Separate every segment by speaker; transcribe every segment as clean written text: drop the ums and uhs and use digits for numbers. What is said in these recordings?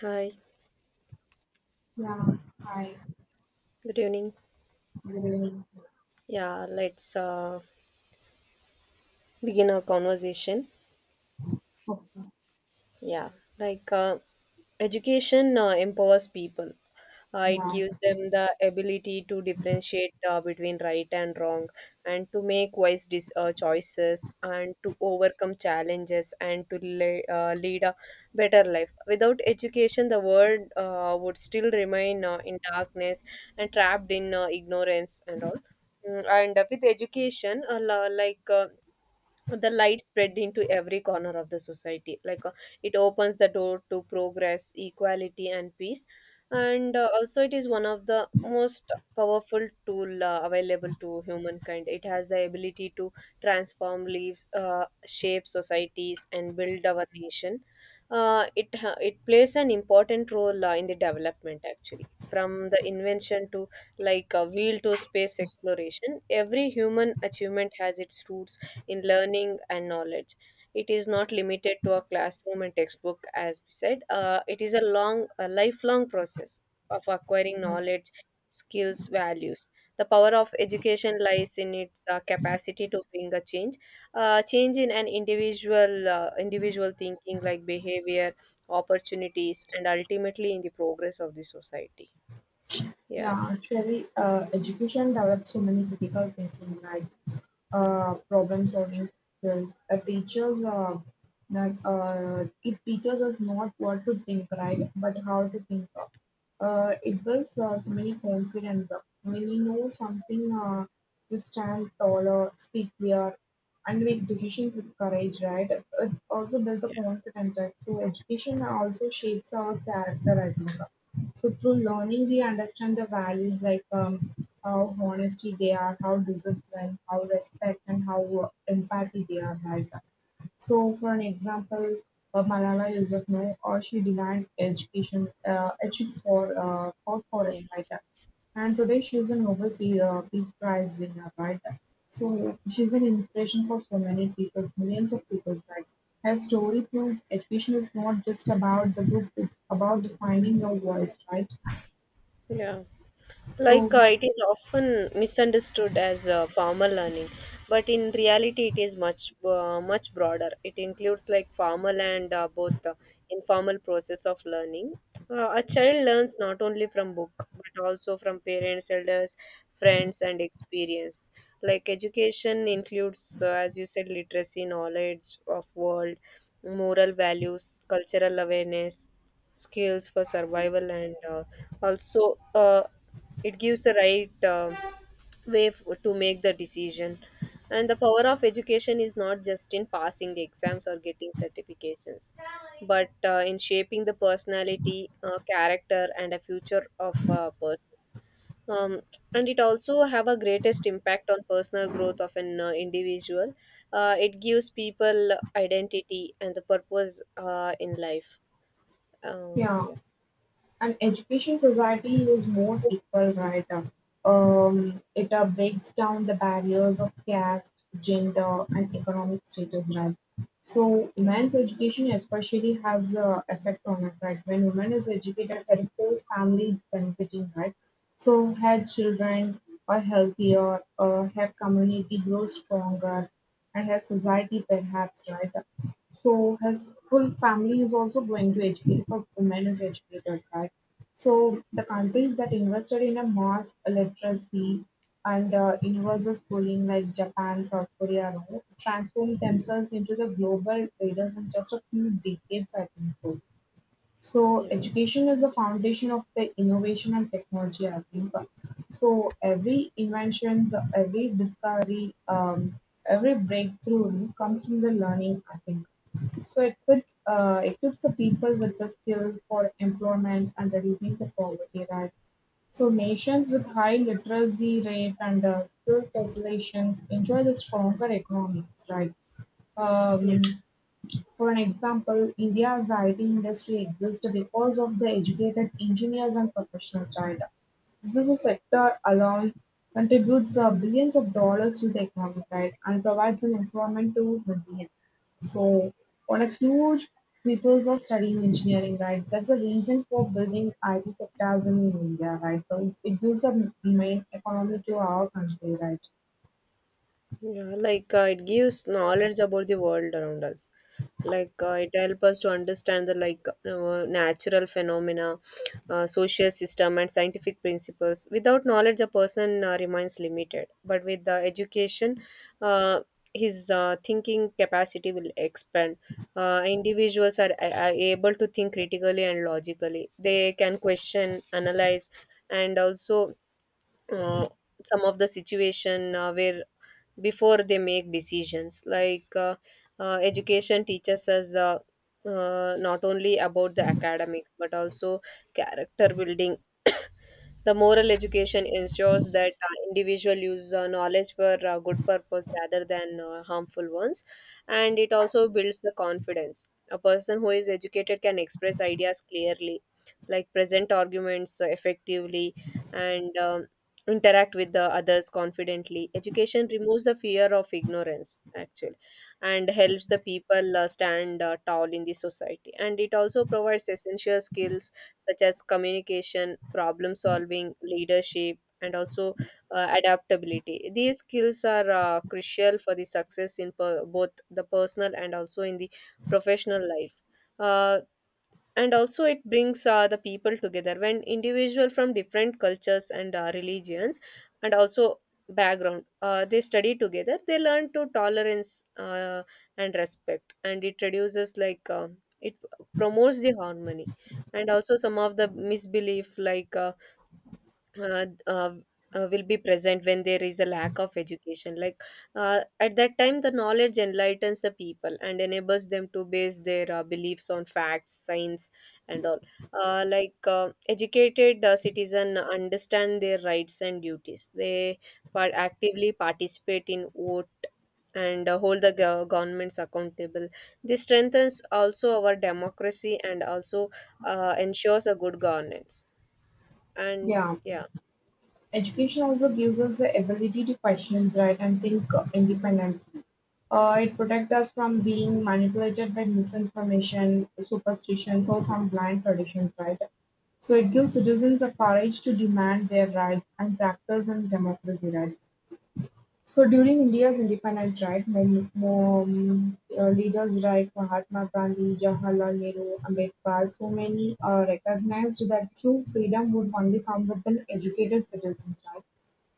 Speaker 1: Hi,
Speaker 2: Yeah, I
Speaker 1: good evening.
Speaker 2: agree.
Speaker 1: Yeah, let's begin our conversation.
Speaker 2: Okay.
Speaker 1: Yeah, like uh, Education empowers people. It
Speaker 2: Yeah,
Speaker 1: gives them the ability to differentiate between right and wrong, and to make wise choices, and to overcome challenges, and to lead a better life. Without education, the world would still remain in darkness and trapped in ignorance and all. Mm, And With education, the light spread into every corner of the society it opens the door to progress equality and peace, and also it is one of the most powerful tool available to humankind. It has the ability to transform lives, shape societies and build our nation. It plays an important role in the development actually. From the invention to like a wheel to space exploration, every human achievement has its roots in learning and knowledge. It is not limited to a classroom and textbook, as we said. It is a lifelong process of acquiring knowledge, skills, values. The power of education lies in its capacity to bring a change, change in an individual, individual thinking, like behavior, opportunities, and ultimately in the progress of the society. Yeah.
Speaker 2: yeah, Actually, education develops so many critical thinking rights, problem-solving skills. Teachers, that it teaches us not what to think, right, but how to think. It was so many confidence. When we know something, we stand taller, speak clear, and make decisions with courage, right? It also builds the
Speaker 1: Yeah.
Speaker 2: confidence, right? So education also shapes our character, I think. So through learning, we understand the values like how honesty they are, how discipline, how respect, and how empathy they are, right? So, for an example, Malala Yousafzai or she denied education for fought for it,
Speaker 1: Yeah.
Speaker 2: right? And today she is a Nobel Peace Prize winner, right? So she's an inspiration for so many people, millions of people, right? Her story proves education is not just about the books; it's about defining your voice, right?
Speaker 1: Yeah.
Speaker 2: So
Speaker 1: It is often misunderstood as formal learning, but in reality, it is much broader. It includes like formal and both informal process of learning. A child learns not only from book but also from parents, elders, friends, and experience. Like education includes, as you said, literacy, knowledge of world, moral values, cultural awareness, skills for survival, and also it gives the right way to make the decision. And the power of education is not just in passing the exams or getting certifications but in shaping the personality, character and a future of a person. um, and it also have a greatest impact on personal growth of an individual. It gives people identity and the purpose in life. uh,
Speaker 2: yeah.
Speaker 1: yeah
Speaker 2: An education society is more
Speaker 1: Yeah,
Speaker 2: equal, right? It breaks down the barriers of caste, gender, and economic status, right? So, women's education especially has a effect on it, right? When women is educated, her whole family is benefiting, right? So, her children are healthier, her community grows stronger, and her society perhaps, right? So his full family is also going to educate if a woman is educated, right? So the countries that invested in a mass literacy and universal schooling like Japan, South Korea, and all, transformed themselves into the global leaders in just a few decades, I think so. So
Speaker 1: yeah,
Speaker 2: education is the foundation of the innovation and technology, I think. So every invention, every discovery, every breakthrough comes from the learning, I think. So it puts, equips the people with the skill for employment and reducing the poverty, right? So nations with high literacy rate and skilled populations enjoy the stronger economies, right?
Speaker 1: yeah,
Speaker 2: Um, for an example, India's IT industry exists because of the educated engineers and professionals, right. This is a sector alone contributes billions of dollars to the economy, right, and provides an employment to millions. So, on a huge people are studying engineering, right? That's the reason for building IT sectors in India, right? So it gives a main economy to our country, right?
Speaker 1: yeah. It gives knowledge about the world around us. It helps us to understand the natural phenomena, social system, and scientific principles. Without knowledge, a person remains limited. But with the education, uh, his thinking capacity will expand. Individuals are able to think critically and logically. They can question, analyze, and also uh, some of the situation where before they make decisions. Education teaches us not only about the academics but also character building. The moral education ensures that individual use knowledge for good purpose rather than harmful ones, and it also builds the confidence. A person who is educated can express ideas clearly, like present arguments effectively, and interact with the others confidently. Education removes the fear of ignorance, actually, and helps the people stand tall in the society. And it also provides essential skills such as communication, problem solving, leadership, and also adaptability. These skills are crucial for the success in both the personal and also in the professional life. Uh, and also it brings the people together. When individual from different cultures and religions and also background, they study together, they learn to tolerance and respect, and it reduces it promotes the harmony. And also some of the misbelief uh, uh, will be present when there is a lack of education. At that time the knowledge enlightens the people and enables them to base their beliefs on facts, science and all. Educated citizen understand their rights and duties. They actively participate in vote and hold the governments accountable. This strengthens also our democracy and also ensures a good governance. And
Speaker 2: Yeah.
Speaker 1: yeah
Speaker 2: Education also gives us the ability to question, right, and think independently. It protects us from being manipulated by misinformation, superstitions, or some blind traditions, right? So it gives citizens the courage to demand their rights and practice in democracy, right? So during India's independence drive, many leaders like Mahatma Gandhi, Jawaharlal Nehru, Ambedkar, so many recognized that true freedom would only come with an educated citizens, right?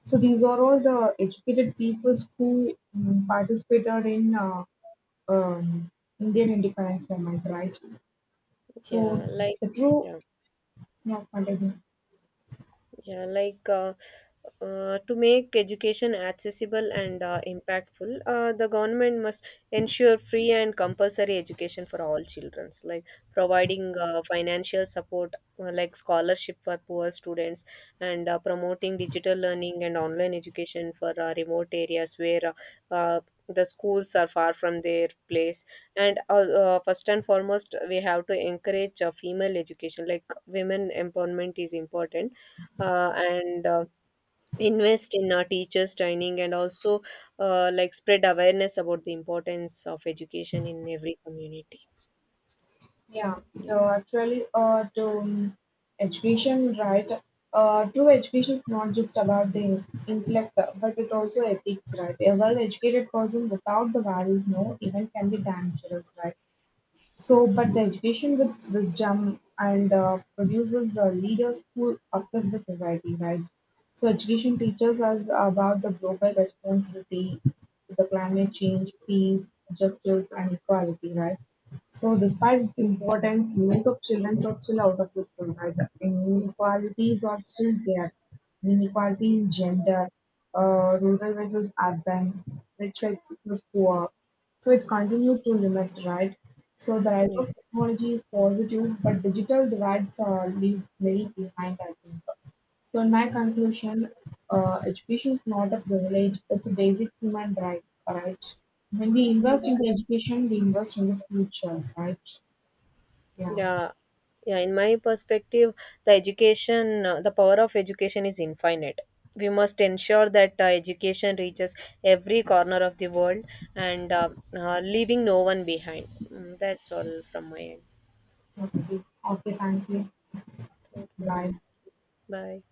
Speaker 2: So these are all the educated peoples who participated in um, Indian independence movement, right? So
Speaker 1: Yeah, like
Speaker 2: the true,
Speaker 1: yeah.
Speaker 2: yeah, continue.
Speaker 1: Yeah, like To make education accessible and impactful, the government must ensure free and compulsory education for all children, like providing financial support, like scholarship for poor students, and promoting digital learning and online education for remote areas where uh, uh, the schools are far from their place. And first and foremost, we have to encourage female education, like women empowerment is important, and invest in teachers training and also like spread awareness about the importance of education in every community.
Speaker 2: Yeah,
Speaker 1: Yeah.
Speaker 2: so actually, to education, right? True education is not just about the intellect, but it also ethics, right? A well-educated person without the values, no, even can be dangerous, right? So,
Speaker 1: Yeah.
Speaker 2: but the education with its wisdom and produces leaders who uplift the society, right? So, education teaches us about the global responsibility, the climate change, peace, justice, and equality, right? So, despite its importance, millions of children are still out of the school, right? Inequalities are still there. Inequality in gender, rural versus urban, rich versus poor, so it continued to limit, right? So the rise of technology is positive, but digital divides are leave very behind, I think. So in my conclusion, education is not a privilege; it's a basic human right, right? When we invest in the
Speaker 1: yeah
Speaker 2: education, we invest in the future, right? Yeah.
Speaker 1: yeah yeah, in my perspective the education, the power of education is infinite. We must ensure that education reaches every corner of the world, and leaving no one behind. That's all from my end.
Speaker 2: Okay. Okay. Thank you.
Speaker 1: Thank you.
Speaker 2: Bye.
Speaker 1: Bye.